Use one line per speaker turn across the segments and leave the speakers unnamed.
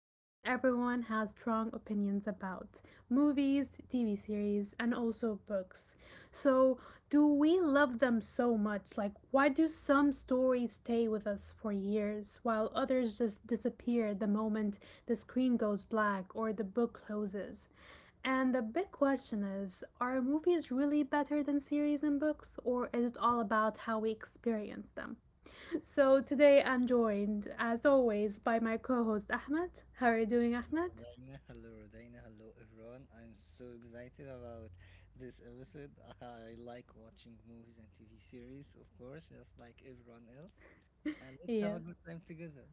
almost everyone has strong opinions about movies, TV series, and also books. So, do we love them so much? Like, why do some stories stay with us for years while others just disappear the moment the screen goes black or the book closes? And the big question is are movies really better than series and books, or is it all about how we experience them? So today I'm joined, as always, by my co host Ahmed. How are you doing, Ahmed?
Rodina. Hello, Rodina. Hello, everyone. I'm so excited about this episode. I like watching movies and TV series, of course, just like everyone else. And let's
Yeah,
have a good time together.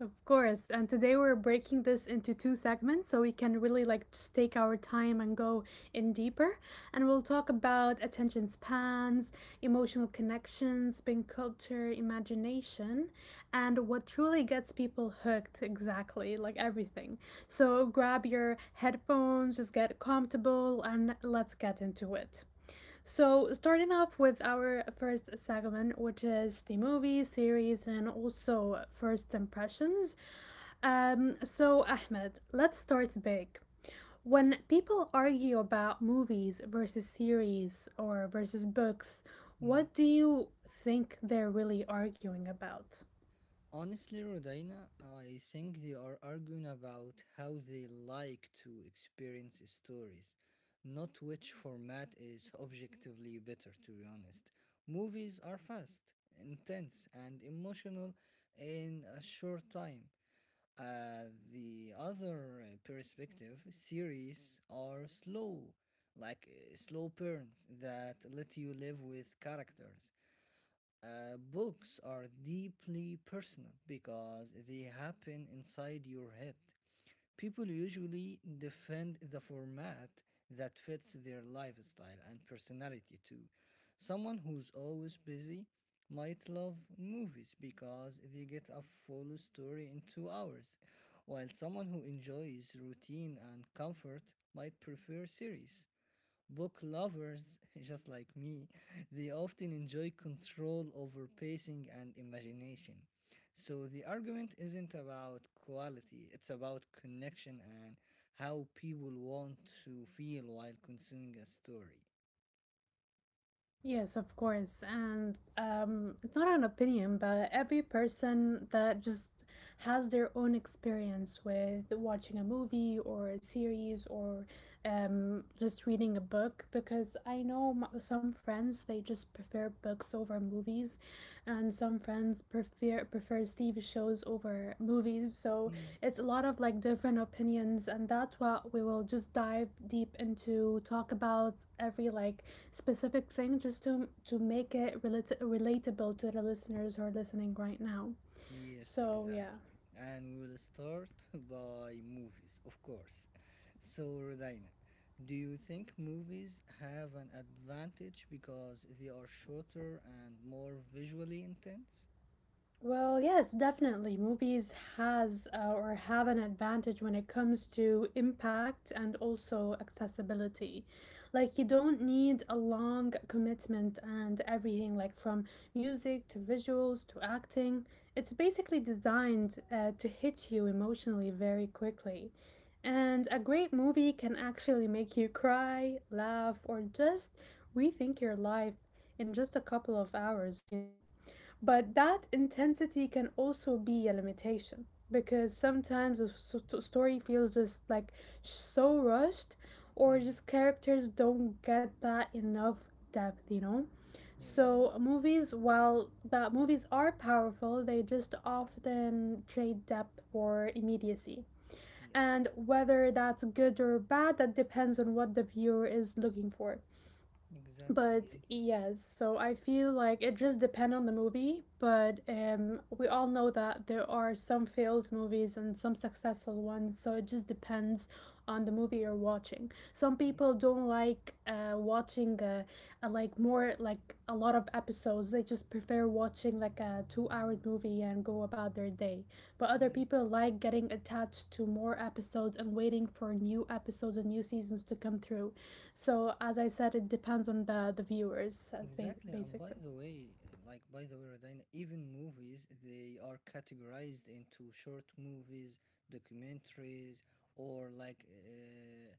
of course. And today we're breaking this into two segments so we can really like just take our time and go in deeper. And we'll talk about attention spans, emotional connections, being culture, imagination, and what truly gets people hooked exactly, like everything. So grab your headphones, just get comfortable, and let's get into it. So, starting off with our first segment, which is the movies, series, and also first impressions. So, Ahmed, let's start big. When people argue about movies versus series or versus books,
Hmm.
what do you think they're really arguing about?
Honestly, Rodina, I think they are arguing about how they like to experience stories, not which format is objectively better, to be honest. Movies are fast, intense, and emotional in a short time. Uh, the other perspective series are slow, like slow burns that let you live with characters. Books are deeply personal because they happen inside your head. People usually defend the format that fits their lifestyle and personality too. Someone who's always busy might love movies because they get a full story in 2 hours, while someone who enjoys routine and comfort might prefer series. Book lovers, just like me, they often enjoy control over pacing and imagination. So the argument isn't about quality, it's about connection and how people want to feel while consuming a story.
Yes, of course. And it's not an opinion, but every person that just has their own experience with watching a movie or a series or just reading a book, because I know some friends they just prefer books over movies, and some friends prefers TV shows over movies. So it's a lot of like different opinions, and that's what we will just dive deep into, talk about every like specific thing just to make it relatable to the listeners who are listening right now.
Yes,
So yeah,
exactly. And we'll start by movies, of course. So, Rodina, do you think movies have an advantage because they are shorter and more visually intense?
well, yes, definitely. Movies has or have an advantage when it comes to impact and also accessibility. Like you don't need a long commitment and everything like from music to visuals to acting. It's basically designed to hit you emotionally very quickly. And a great movie can actually make you cry, laugh, or just rethink your life in just a couple of hours, you know? But that intensity can also be a limitation because sometimes a story feels just like so rushed, or
Mm,
just characters don't get that enough depth, you know?
yes,
So, movies, while that movies are powerful, they just often trade depth for immediacy.
yes,
And whether that's good or bad, that depends on what the viewer is looking for.
exactly.
But
Yes,
yes, so I feel like it just depends on the movie, but we all know that there are some failed movies and some successful ones, so it just depends on the movie you're watching. Some people
yes,
don't like watching like more like a lot of episodes. They just prefer watching like a two-hour movie and go about their day. But other
yes.
people like getting attached to more episodes and waiting for new episodes and new seasons to come through. So as I said, it depends on the viewers, as
Exactly, and by
basically.
the way, Radina, even movies they are categorized into short movies, documentaries, or like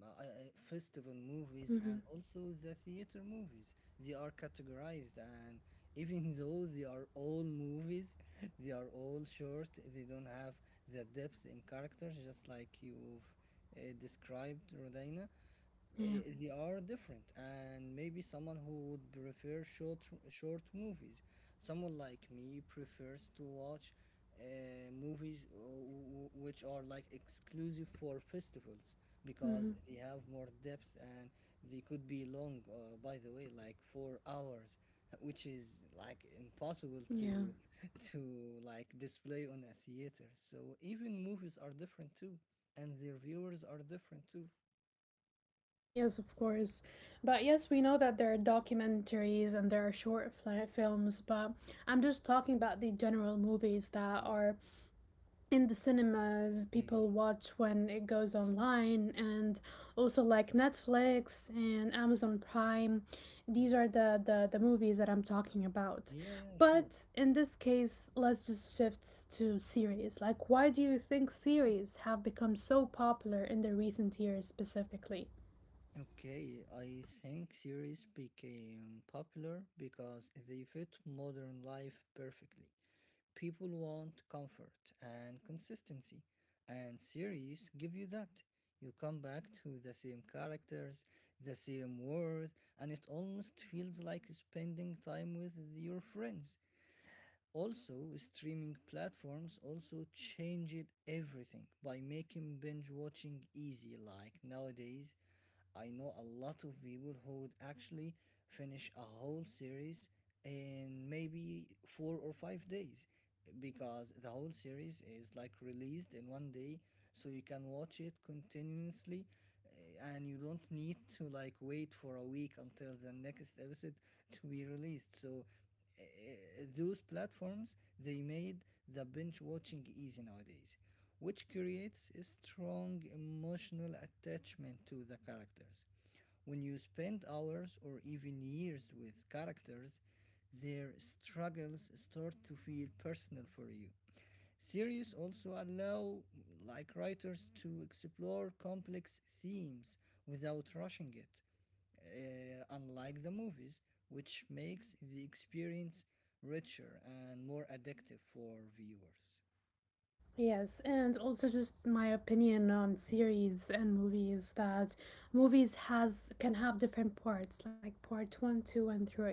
m- uh, uh, festival movies,
Mm-hmm.
and also the theater movies. They are categorized, and even though they are all movies, they are all short, they don't have the depth in characters just like you've described, Rodina. uh,
Yeah.
they are different, and maybe someone who would prefer short movies, someone like me, prefers to watch movies which are like exclusive for festivals
Mm-hmm.
because they have more depth, and they could be long, by the way, like 4 hours, which is like impossible
Yeah.
to to like display on a theater. So even movies are different too, and their viewers are different too.
Yes, of course. But yes, we know that there are documentaries and there are short fli films, but I'm just talking about the general movies that
Yes.
are in the cinemas
Mm.
people watch when it goes online and also like Netflix and Amazon Prime, these are
Yes.
the movies that I'm talking about.
Yeah, yeah, sure.
But in this case, let's just shift to series. Like, why do you think series have become so popular in the recent years specifically?
Okay, I think series became popular because they fit modern life perfectly. People want comfort and consistency, and series give you that. You come back to the same characters, the same world, and it almost feels like spending time with your friends. Also, streaming platforms also changed everything by making binge watching easy. Like nowadays, I know a lot of people who would actually finish a whole series in maybe 4 or 5 days because the whole series is like released in one day, so you can watch it continuously. And you don't need to like wait for a week until the next episode to be released. Uh, those platforms, they made the binge watching easy nowadays, which creates a strong emotional attachment to the characters. When you spend hours or even years with characters, their struggles start to feel personal for you. Series also allow like writers to explore complex themes without rushing it, unlike the movies, which makes the experience richer and more addictive for viewers.
Yes, and also just my opinion on series and movies that movies has can have different parts, like part one, two, and three.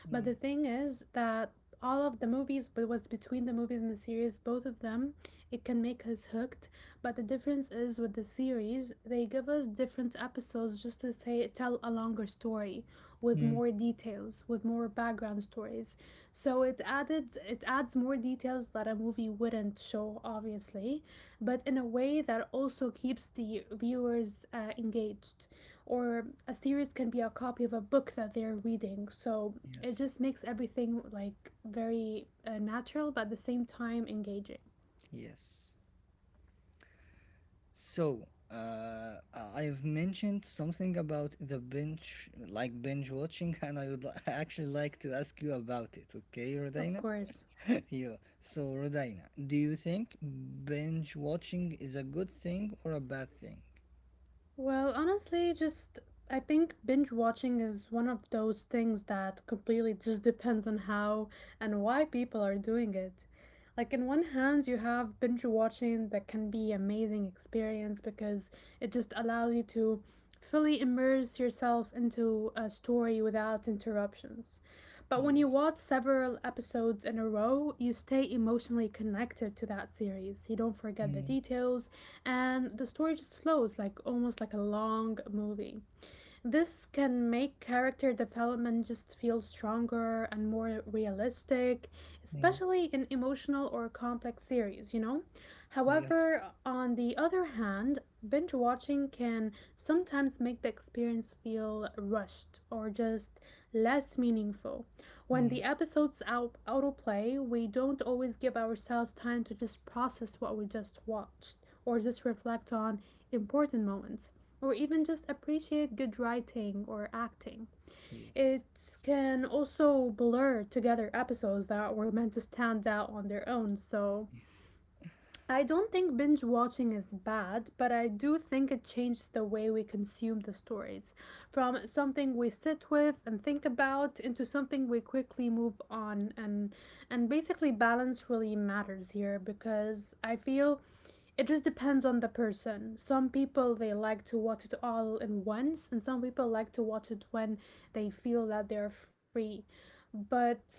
But the
Mm.
thing is that all of the movies, but what's between the movies and the series, both of them, it can make us hooked. But the difference is with the series, they give us different episodes just to say tell a longer story with
Mm.
more details, with more background stories. So it adds more details that a movie wouldn't show obviously, but in a way that also keeps the viewers engaged. Or a series can be a copy of a book that they're reading. So it
Yes,
just makes everything like very natural but at the same time engaging.
yes. So, I have mentioned something about the binge watching, and actually like to ask you about it, okay,
Of
Rodina?
course.
Yeah. So, Rodina, do you think binge watching is a good thing or a bad thing?
Well, honestly, just I think binge watching is one of those things that completely just depends on how and why people are doing it. Like in one hand, you have binge watching that can be amazing experience because it just allows you to fully immerse yourself into a story without interruptions. But when you
Yes.
watch several episodes in a row, you stay emotionally connected to that series. You don't forget the
Mm,
details, and the story just flows like almost like a long movie. This can make character development just feel stronger and more realistic,
mm.
especially in emotional or complex series, you know?
Yes.
However, on the other hand, binge watching can sometimes make the experience feel rushed or just less meaningful. When the episodes autoplay, we don't always give ourselves time to just process what we just watched or just reflect on important moments or even just appreciate good writing or acting.
Yes.
It can also blur together episodes that were meant to stand out on their own, so
Yes.
I don't think binge watching is bad, but I do think it changes the way we consume the stories from something we sit with and think about into something we quickly move on and basically balance really matters here because I feel it just depends on the person. Some people they like to watch it all in once, and some people like to watch it when they feel that they're free. But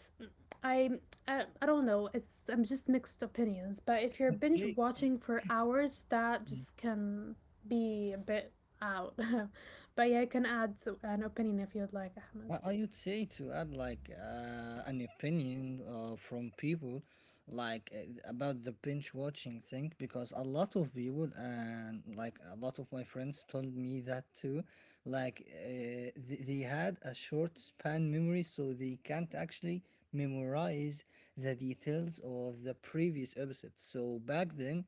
I, I don't know. It's I'm just mixed opinions. But if you're binge
Yeah.
watching for hours, that
Yeah.
just can be a bit out. But yeah, I can add an opinion if you'd like, Ahmed.
Well, I would say to add like an opinion from people about the binge watching thing, because a lot of people and like a lot of my friends told me that too, they had a short span memory, so they can't actually memorize the details of the previous episode. So back then,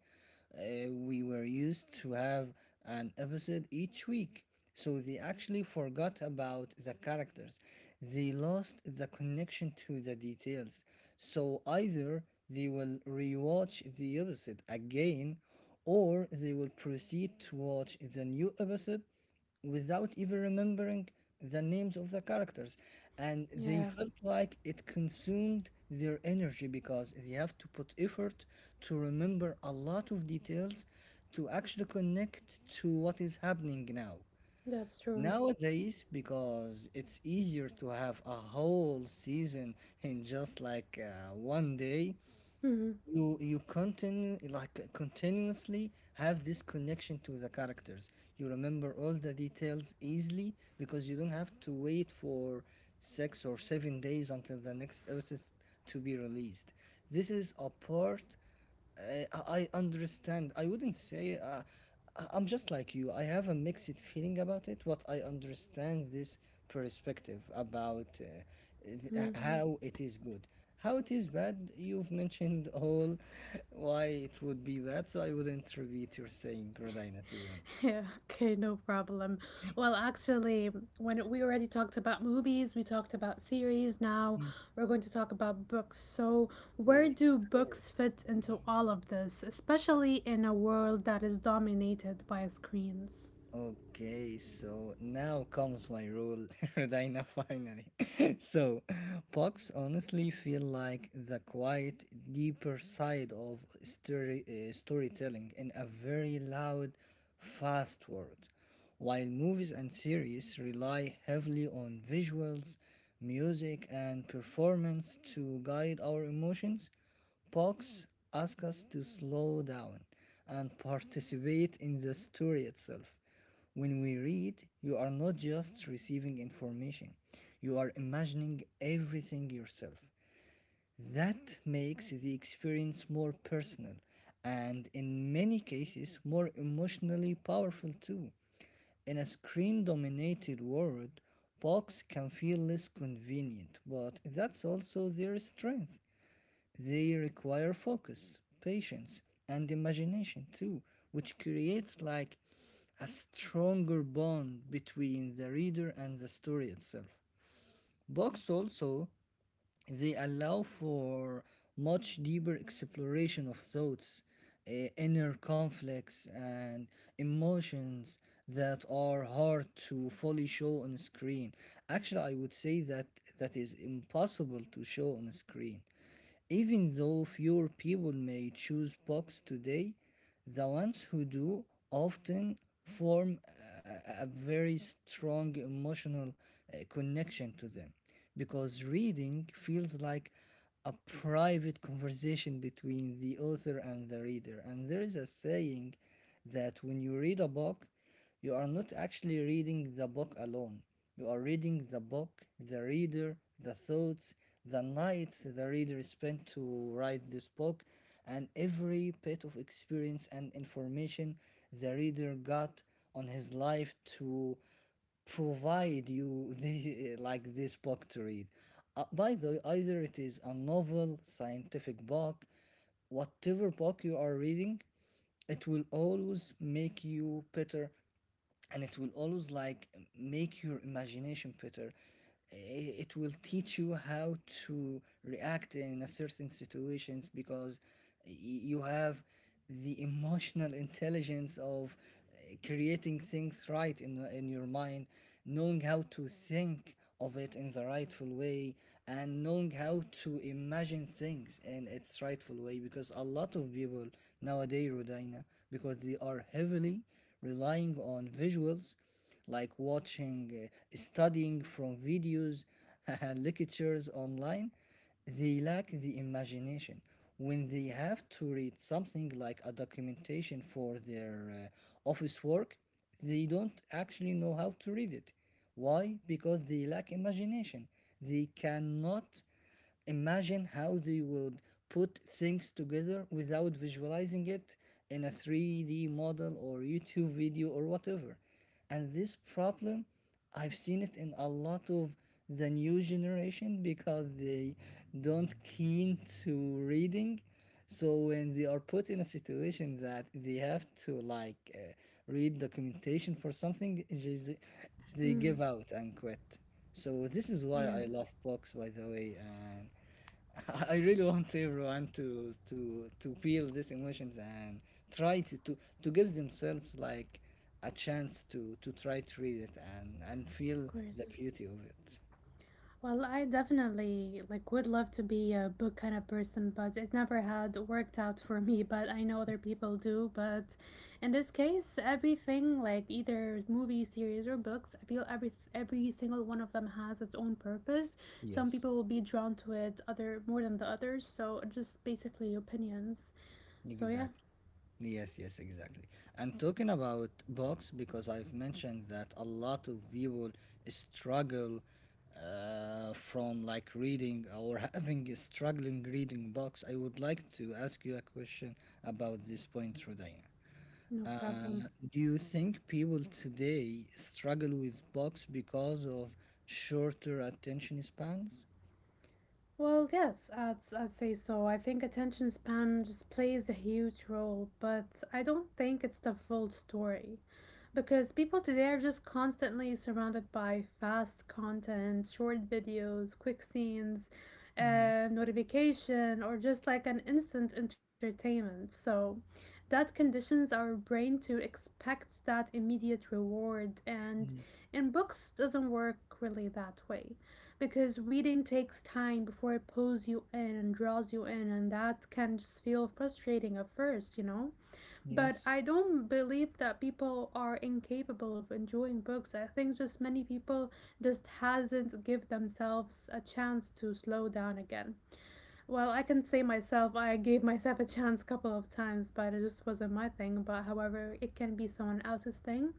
we were used to have an episode each week, so they actually forgot about the characters. They lost the connection to the details. So either they will rewatch the episode again, or they will proceed to watch the new episode without even remembering the names of the characters, and they
Yeah,
felt like it consumed their energy because they have to put effort to remember a lot of details, to actually connect to what is happening now.
that's true.
Nowadays, because it's easier to have a whole season in just like one day,
Mm-hmm.
you continue like continuously have this connection to the characters. You remember all the details easily because you don't have to wait for 6 or 7 days until the next episode to be released. This is a part I understand. I wouldn't say I'm just like you. I have a mixed feeling about it, but I understand this perspective about Mm. how it is good. How it is bad? You've mentioned all why it would be bad, so I wouldn't repeat your saying, Rodina, to be honest.
Yeah. Okay, no problem. Well, actually, when we already talked about movies, we talked about series. Now
Mm.
we're going to talk about books. So, where
Okay,
do
sure.
books fit into all of this, especially in a world that is dominated by screens?
Okay, so now comes my rule, Rodina, finally. So, pucks honestly feel like the quiet, deeper side of storytelling in a very loud, fast world. While movies and series rely heavily on visuals, music, and performance to guide our emotions, Pox asks us to slow down and participate in the story itself. When we read, you are not just receiving information, you are imagining everything yourself. That makes the experience more personal and, in many cases, more emotionally powerful too. In a screen dominated world, Box can feel less convenient, but that's also their strength. They require focus, patience, and imagination too, which creates like a stronger bond between the reader and the story itself. Books also, they allow for much deeper exploration of thoughts, inner conflicts, and emotions that are hard to fully show on a screen. Actually, I would say that that is impossible to show on a screen. Even though fewer people may choose books today, the ones who do often form a very strong emotional connection to them because reading feels like a private conversation between the author and the reader. And there is a saying that when you read a book, you are not actually reading the book alone. You are reading the book, the reader, the thoughts, the nights the reader spent to write this book, and every bit of experience and information the reader got on his life to provide you the, like this book to read. By the way, either it is a novel, scientific book, whatever book you are reading, it will always make you better, and it will always like make your imagination better. It will teach you how to react in a certain situations, because you have the emotional intelligence of creating things right in your mind, knowing how to think of it in the rightful way, and knowing how to imagine things in its rightful way, because a lot of people nowadays, Rodina, because they are heavily relying on visuals, like watching, studying from videos, lectures online, they lack the imagination. When they have to read something like a documentation for their office work, they don't actually know how to read it. Why? Because they lack imagination. They cannot imagine how they would put things together without visualizing it in a 3D model or YouTube video or whatever. And this problem, I've seen it in a lot of the new generation, because they don't keen to reading, so when they are put in a situation that they have to read documentation for something, just they
Mm,
give out and quit. So this is why I
yes,
love books, by the way, and I really want everyone to to feel these emotions and try to give themselves like a chance to try to read it and
of
feel the
course.
beauty of it.
Well, I definitely like would love to be a book kind of person, but it never had worked out for me, but I know other people do, but in this case, everything like either movie series or books, I feel every single one of them has its own purpose. Some
Yes,
people will be drawn to it other more than the others, so just basically opinions. So yeah,
exactly. Yes, yes, exactly. And talking about books, because I've mentioned that a lot of people struggle from like reading or having a struggling reading books. I would like to ask you a question about this point, Rodina.
no
Uh,
problem.
do you think people today struggle with books because of shorter attention spans?
Well, yes, I'd say so. I think attention span just plays a huge role, but I don't think it's the full story. Because people today are just constantly surrounded by fast content, short videos, quick scenes,
Mm,
notification, or just like an instant entertainment. So that conditions our brain to expect that immediate reward, and
mm,
in books doesn't work really that way because reading takes time before it pulls you in and draws you in and that can just feel frustrating at first, you know, but
yes,
I don't believe that people are incapable of enjoying books. I think just many people just hasn't give themselves a chance to slow down again. Well, I can say myself, I gave myself a chance a couple of times, but it just wasn't my thing. But however, it can be someone else's thing.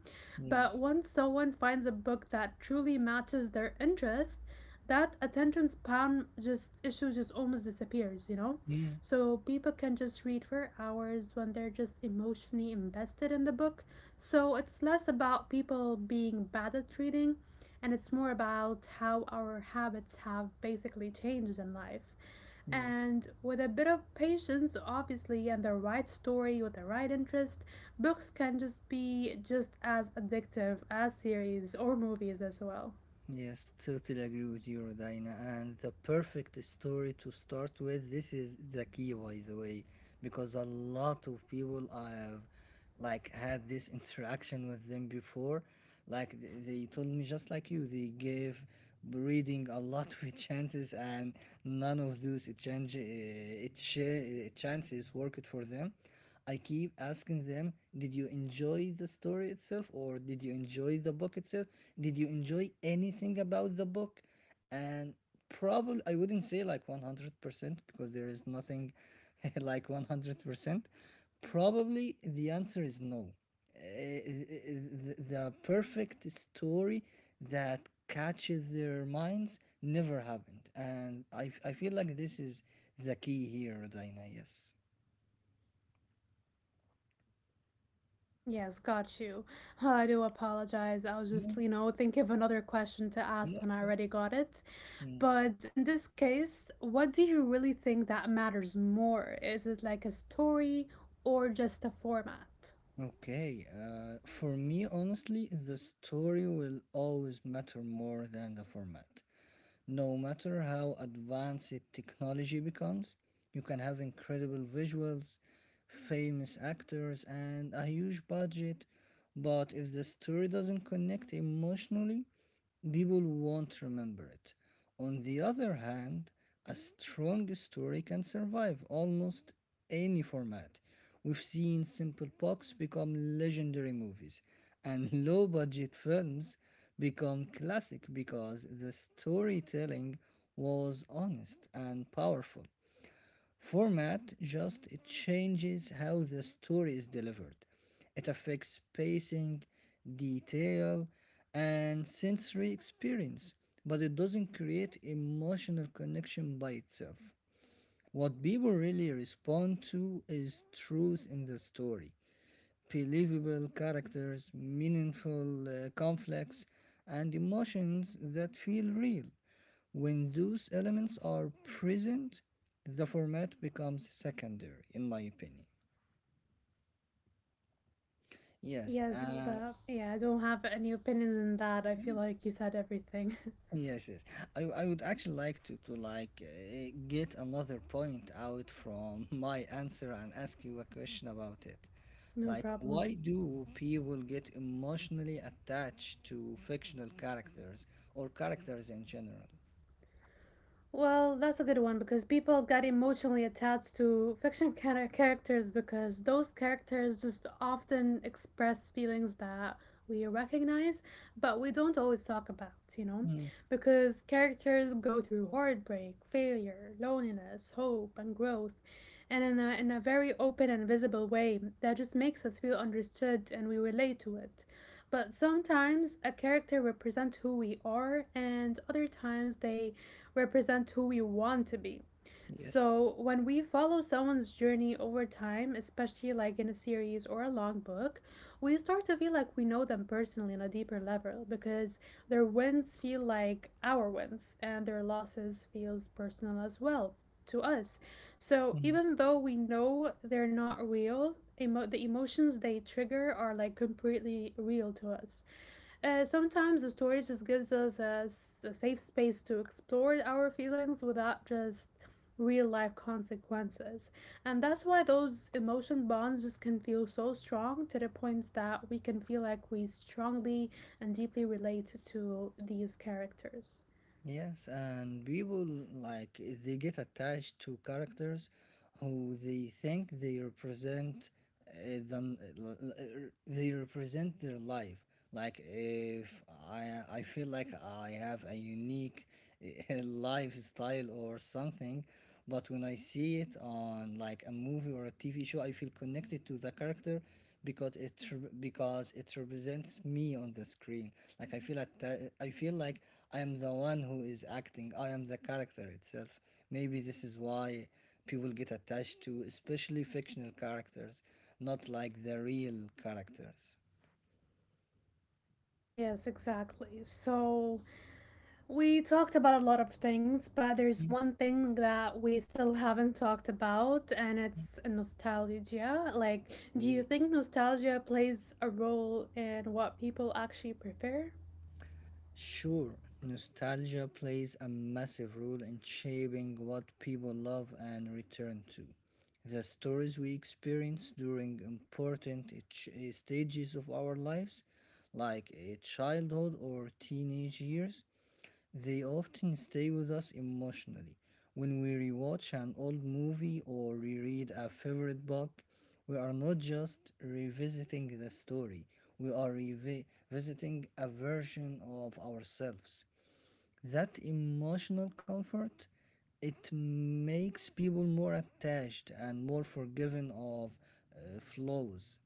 But
yes,
once someone finds a book that truly matches their interest, that attention span just issue just almost disappears, you know?
mm,
So people can just read for hours when they're just emotionally invested in the book. So it's less about people being bad at reading and it's more about how our habits have basically changed in life.
yes.
And with a bit of patience, obviously, and the right story with the right interest, books can just be just as addictive as series or movies as well.
Yes, totally agree with you, Rodina. And the perfect story to start with, this is the key, by the way, because a lot of people I have like had this interaction with them before. Like they told me, just like you, they gave breeding a lot of chances, and none of those chances worked for them. I keep asking them, did you enjoy the story itself, or did you enjoy the book itself? Did you enjoy anything about the book? And probably I wouldn't say like 100%, because there is nothing like 100%. Probably the answer is no. Uh, the perfect story that catches their minds never happened. And I feel like this is the key here, Dina. Yes.
Yes, got you. Well, I do apologize. I was
Yeah,
just, you know, thinking of another question to ask when I
yes,
already got it.
Mm,
But in this case, what do you really think that matters more? Is it like a story or just a format?
Okay, for me, honestly, the story will always matter more than the format. No matter how advanced technology becomes, you can have incredible visuals, famous actors, and a huge budget, but if the story doesn't connect emotionally, people won't remember it. On the other hand, a strong story can survive almost any format. We've seen simple books become legendary movies, and low budget films become classic because the storytelling was honest and powerful. Format just it changes how the story is delivered. It affects pacing, detail, and sensory experience, but it doesn't create emotional connection by itself. What people really respond to is truth in the story, believable characters, meaningful conflicts, and emotions that feel real. When those elements are present, the format becomes secondary, in my opinion. Yes,
Yes,
Yeah. uh,
but yeah, I don't have any opinion on that. I feel like you said everything.
yes, yes. I would actually like to get another point out from my answer and ask you a question about it.
No
Like,
problem.
why do people get emotionally attached to fictional characters or characters in general?
Well, that's a good one because people got emotionally attached to fiction characters because those characters just often express feelings that we recognize, but we don't always talk about, you know?
Mm,
Because characters go through heartbreak, failure, loneliness, hope, and growth, and in a very open and visible way that just makes us feel understood and we relate to it. But sometimes a character represents who we are, and other times they represent who we want to be.
Yes.
So when we follow someone's journey over time, especially like in a series or a long book, we start to feel like we know them personally on a deeper level because their wins feel like our wins and their losses feels personal as well to us. So even though we know they're not real, the emotions they trigger are like completely real to us. Sometimes the story just gives us a safe space to explore our feelings without just real life consequences. And that's why those emotion bonds just can feel so strong to the point that we can feel like we strongly and deeply relate to these characters.
Yes, and people like they get attached to characters who they think they represent uh, than uh, l- they represent their life. Like if I feel like I have a unique lifestyle or something, but when I see it on like a movie or a TV show, I feel connected to the character because it represents me on the screen. Like I feel like I am the one who is acting. I am the character itself. Maybe this is why people get attached to, especially fictional characters, not like the real characters.
Yes, exactly. So, we talked about a lot of things, but there's
Yeah.
one thing that we still haven't talked about, and it's nostalgia. Like, do you
Okay.
think nostalgia plays a role in what people actually prefer?
Sure, nostalgia plays a massive role in shaping what people love and return to. The stories we experience during stages of our lives, like a childhood or teenage years, they often stay with us emotionally. When we rewatch an old movie or reread a favorite book, we are not just revisiting the story, we are revisiting a version of ourselves. That emotional comfort it makes people more attached and more forgiving of flaws.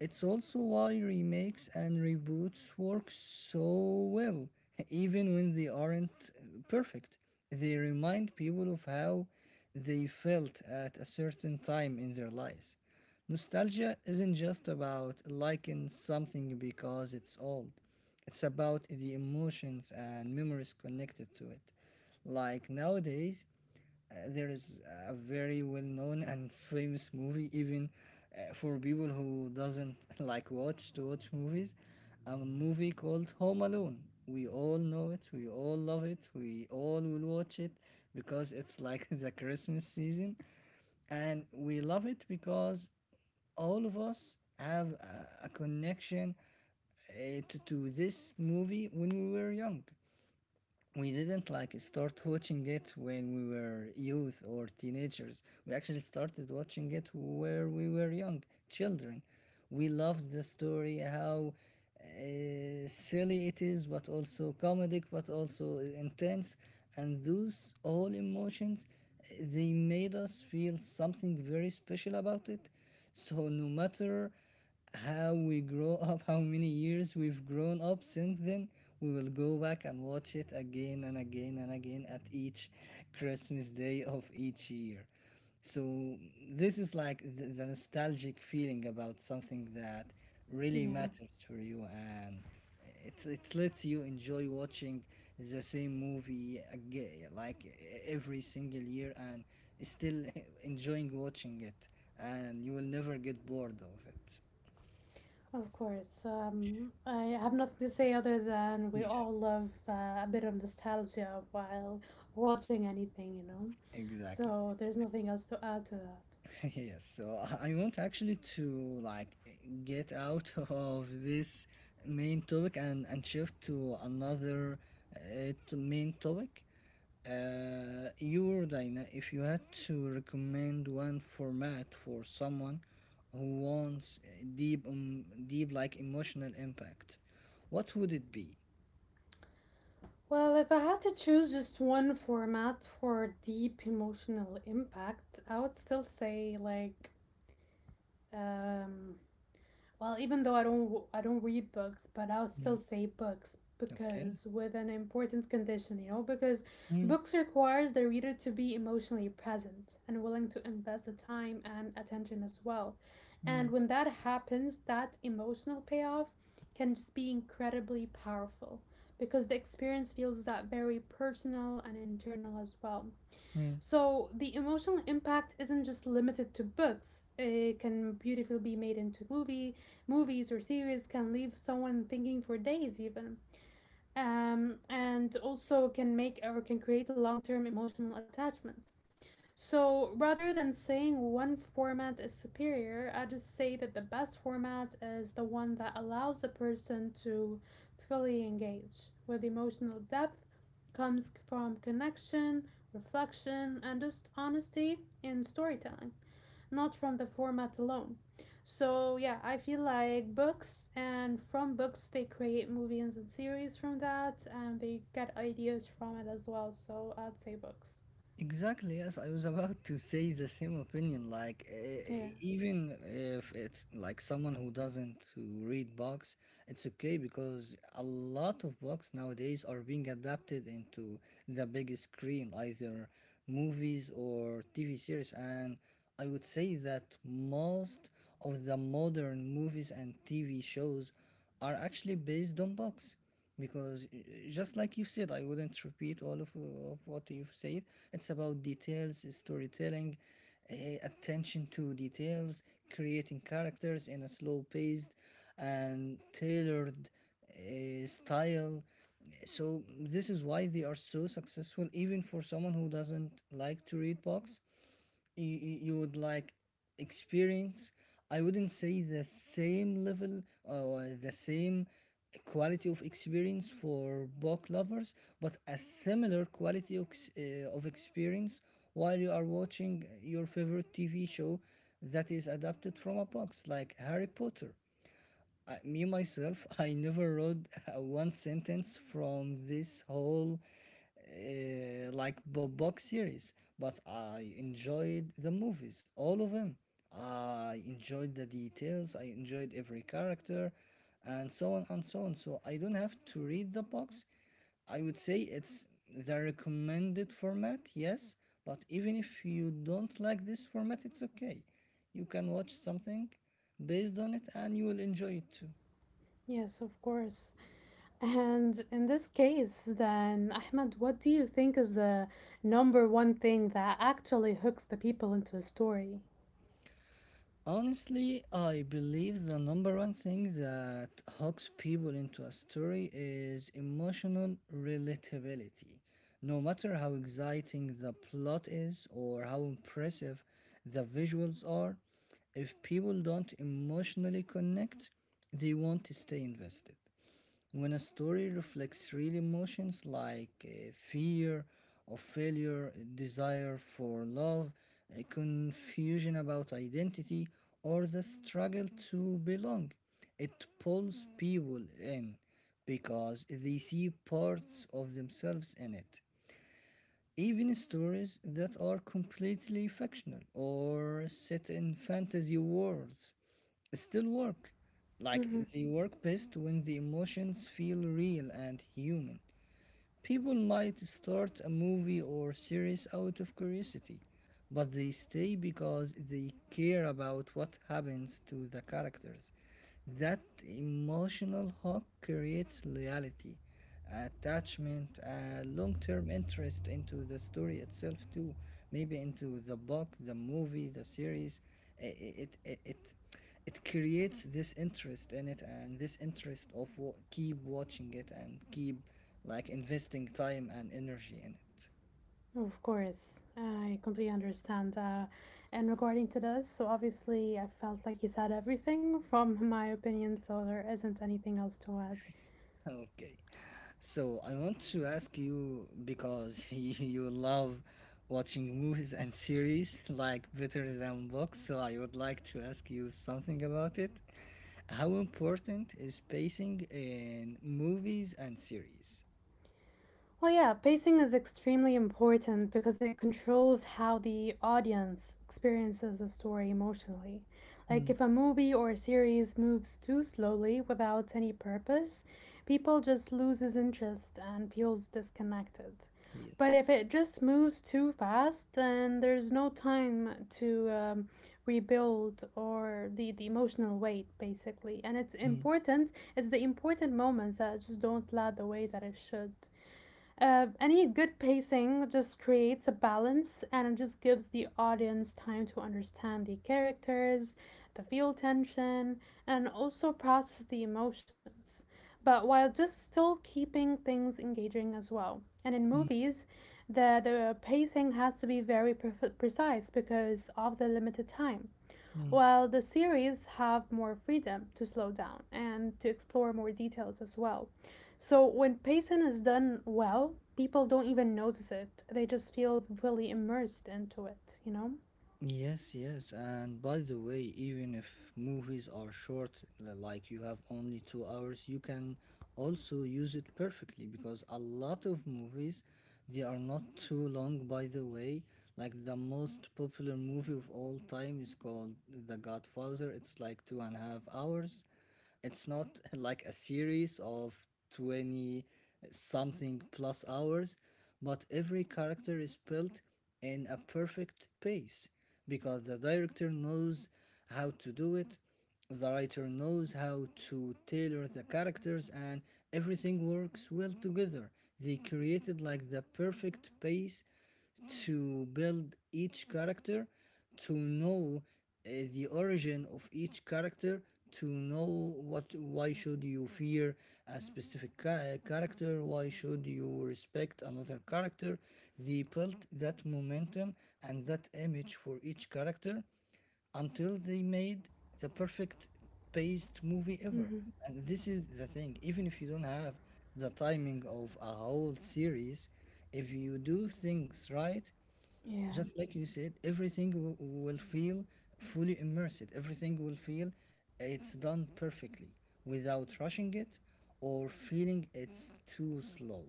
It's also why remakes and reboots work so well, even when they aren't perfect. They remind people of how they felt at a certain time in their lives. Nostalgia isn't just about liking something because it's old, it's about the emotions and memories connected to it. Like nowadays, there is a very well-known and famous movie, even for people who doesn't like watch to watch movies, a movie called Home Alone. We all know it, we all love it, we all will watch it because it's like the Christmas season, and we love it because all of us have a connection to this movie when we were young. We didn't start watching it when we were youth or teenagers. We actually started watching it where we were young children. We loved the story, how silly it is, but also comedic, but also intense. And those all emotions, they made us feel something very special about it. So no matter how we grow up, how many years we've grown up since then, we will go back and watch it again and again and again at each Christmas day of each year. So this is like the nostalgic feeling about something that really
Yeah,
matters for you, and it lets you enjoy watching the same movie again, like every single year, and still enjoying watching it, and you will never get bored of it.
of course. I have nothing to say other than we all
Yes,
love a bit of nostalgia while watching anything, you know?
exactly.
So, there's nothing else to add to that.
Yes, so I want actually to like get out of this main topic and shift to another to main topic. Your Dina, if you had to recommend one format for someone who wants deep like emotional impact, what would it be?
Well, if I had to choose just one format for deep emotional impact, I would still say like um, well, even though I don't read books, but I'll
Mm,
still say books
okay.
because with an important condition, you know, because
Mm,
books requires the reader to be emotionally present and willing to invest the time and attention as well.
mm,
And when that happens, that emotional payoff can just be incredibly powerful because the experience feels that very personal and internal as well.
mm.
So the emotional impact isn't just limited to books. It can beautifully be made into movies or series can leave someone thinking for days even. And also can make or can create a long-term emotional attachment. So rather than saying one format is superior, I just say that the best format is the one that allows the person to fully engage with emotional depth, comes from connection, reflection, and just honesty in storytelling, not from the format alone. So yeah, I feel like books and from books they create movies and series from that and they get ideas from it as well. So I'd say books.
Exactly, yes. I was about to say the same opinion.
Yeah.
Even if it's like someone who doesn't who read books, it's okay because a lot of books nowadays are being adapted into the big screen, either movies or TV series. And I would say that most of the modern movies and TV shows are actually based on books because just like you said, I wouldn't repeat all of what you've said. It's about details, storytelling, uh, attention to details, creating characters in a slow paced and tailored style. So this is why they are so successful, even for someone who doesn't like to read books. You would like experience, I wouldn't say the same level or the same quality of experience for book lovers, but a similar quality of experience while you are watching your favorite TV show that is adapted from a box like Harry Potter. Me myself, I never wrote one sentence from this whole box series, but I enjoyed the movies, all of them. I enjoyed the details, I enjoyed every character, and so on and so on. So I don't have to read the books. I would say it's the recommended format, yes, but even if you don't like this format, it's okay. You can watch something based on it and you will enjoy it too.
Yes, of course. And in this case, then, Ahmed, what do you think is the number one thing that actually hooks the people into the story?
Honestly, I believe the number one thing that hooks people into a story is emotional relatability. No matter how exciting the plot is or how impressive the visuals are, if people don't emotionally connect, they won't stay invested. When a story reflects real emotions like fear of failure, desire for love, confusion about identity, or the struggle to belong, it pulls people in because they see parts of themselves in it. Even stories that are completely fictional or set in fantasy worlds still work. Like
Hmm.
they work best when the emotions feel real and human. People might start a movie or series out of curiosity, but they stay because they care about what happens to the characters. That emotional hook creates loyalty, attachment, a long term interest into the story itself, too. Maybe into the book, the movie, the series. I- It, it, it, it creates this interest in it and this interest of keep watching it and keep like investing time and energy in it.
Of course, I completely understand. And regarding to this, so obviously, I felt like you said everything from my opinion, so there isn't anything else to add.
Okay. So I want to ask you because you love watching movies and series like better than books, so I would like to ask you something about it. How important is pacing in movies and series?
Well, yeah, pacing is extremely important because it controls how the audience experiences a story emotionally. Like,
Mm,
if a movie or a series moves too slowly without any purpose, people just loses interest and feels disconnected. But
Yes.
if it just moves too fast, then there's no time to rebuild or the emotional weight, basically. And it's
mm,
important, it's the important moments that just don't land the way that it should. Any good pacing just creates a balance and it just gives the audience time to understand the characters, the feel tension, and also process the emotions, but while just still keeping things engaging as well. And in
mm,
movies, the pacing has to be very precise because of the limited time
mm.
while the series have more freedom to slow down and to explore more details as well. So when pacing is done well, people don't even notice it. They just feel really immersed into it, you know?
Yes, yes. And by the way, even if movies are short, like you have only 2 hours, you can also use it perfectly because a lot of movies, they are not too long, by the way. Like the most popular movie of all time is called The Godfather. It's like 2.5 hours. It's not like a series of 20 something plus hours, but every character is built in a perfect pace because the director knows how to do it, the writer knows how to tailor the characters, and everything works well together. They created like the perfect pace to build each character, to know the origin of each character, to know what why should you fear a specific character, why should you respect another character. They built that momentum and that image for each character until they made the perfect paced movie ever.
Mm-hmm.
And this is the thing, even if you don't have the timing of a whole series, if you do things right,
Yeah.
just like you said, everything will feel fully immersed. Everything will feel it's done perfectly, without rushing it or feeling it's too slow.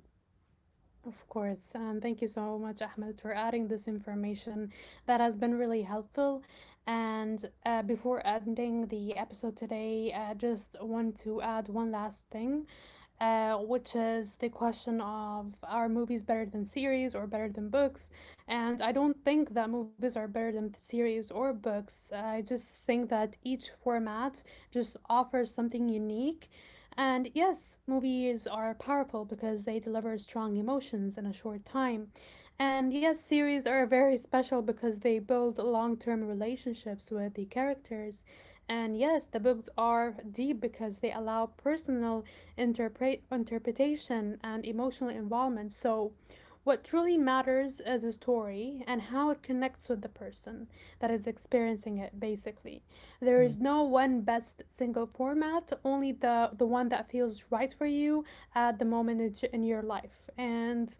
Of course, and thank you so much, Ahmed, for adding this information that has been really helpful. And before ending the episode today, I just want to add one last thing, which is the question of are movies better than series or better than books? And I don't think that movies are better than series or books. I just think that each format just offers something unique and yes, movies are powerful because they deliver strong emotions in a short time. And yes, series are very special because they build long term relationships with the characters. And yes, the books are deep because they allow personal interpretation and emotional involvement. So, what truly matters is a story and how it connects with the person that is experiencing it, basically. There
Mm,
is no one best single format, only the one that feels right for you at the moment in your life. And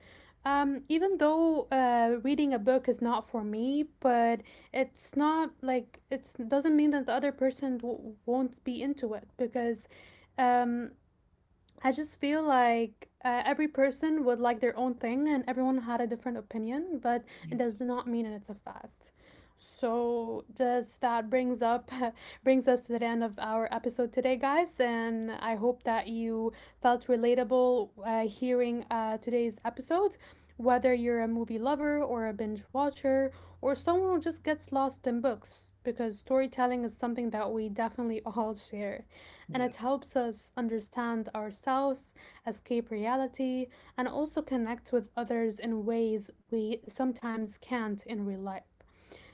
even though reading a book is not for me, but it's not like it doesn't mean that the other person won't be into it because um, I just feel like every person would like their own thing and everyone had a different opinion, but it does
Yes,
not mean that it's a fact. So just that brings up brings us to the end of our episode today, guys, and I hope that you felt relatable hearing today's episode. Whether you're a movie lover or a binge watcher or someone who just gets lost in books, because storytelling is something that we definitely all share and it
yes.
helps us understand ourselves, escape reality, and also connect with others in ways we sometimes can't in real life.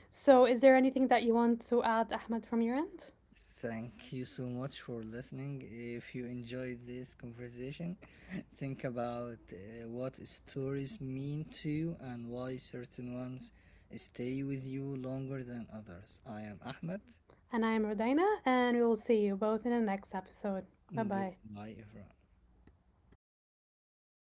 So, is there anything that you want to add, Ahmed, from your end?
Thank you so much for listening. If you enjoyed this conversation, think about what stories mean to you and why certain ones stay with you longer than others. I am Ahmed.
And I am Rodina, and we will see you both in the next episode. Bye bye.
Goodbye, everyone.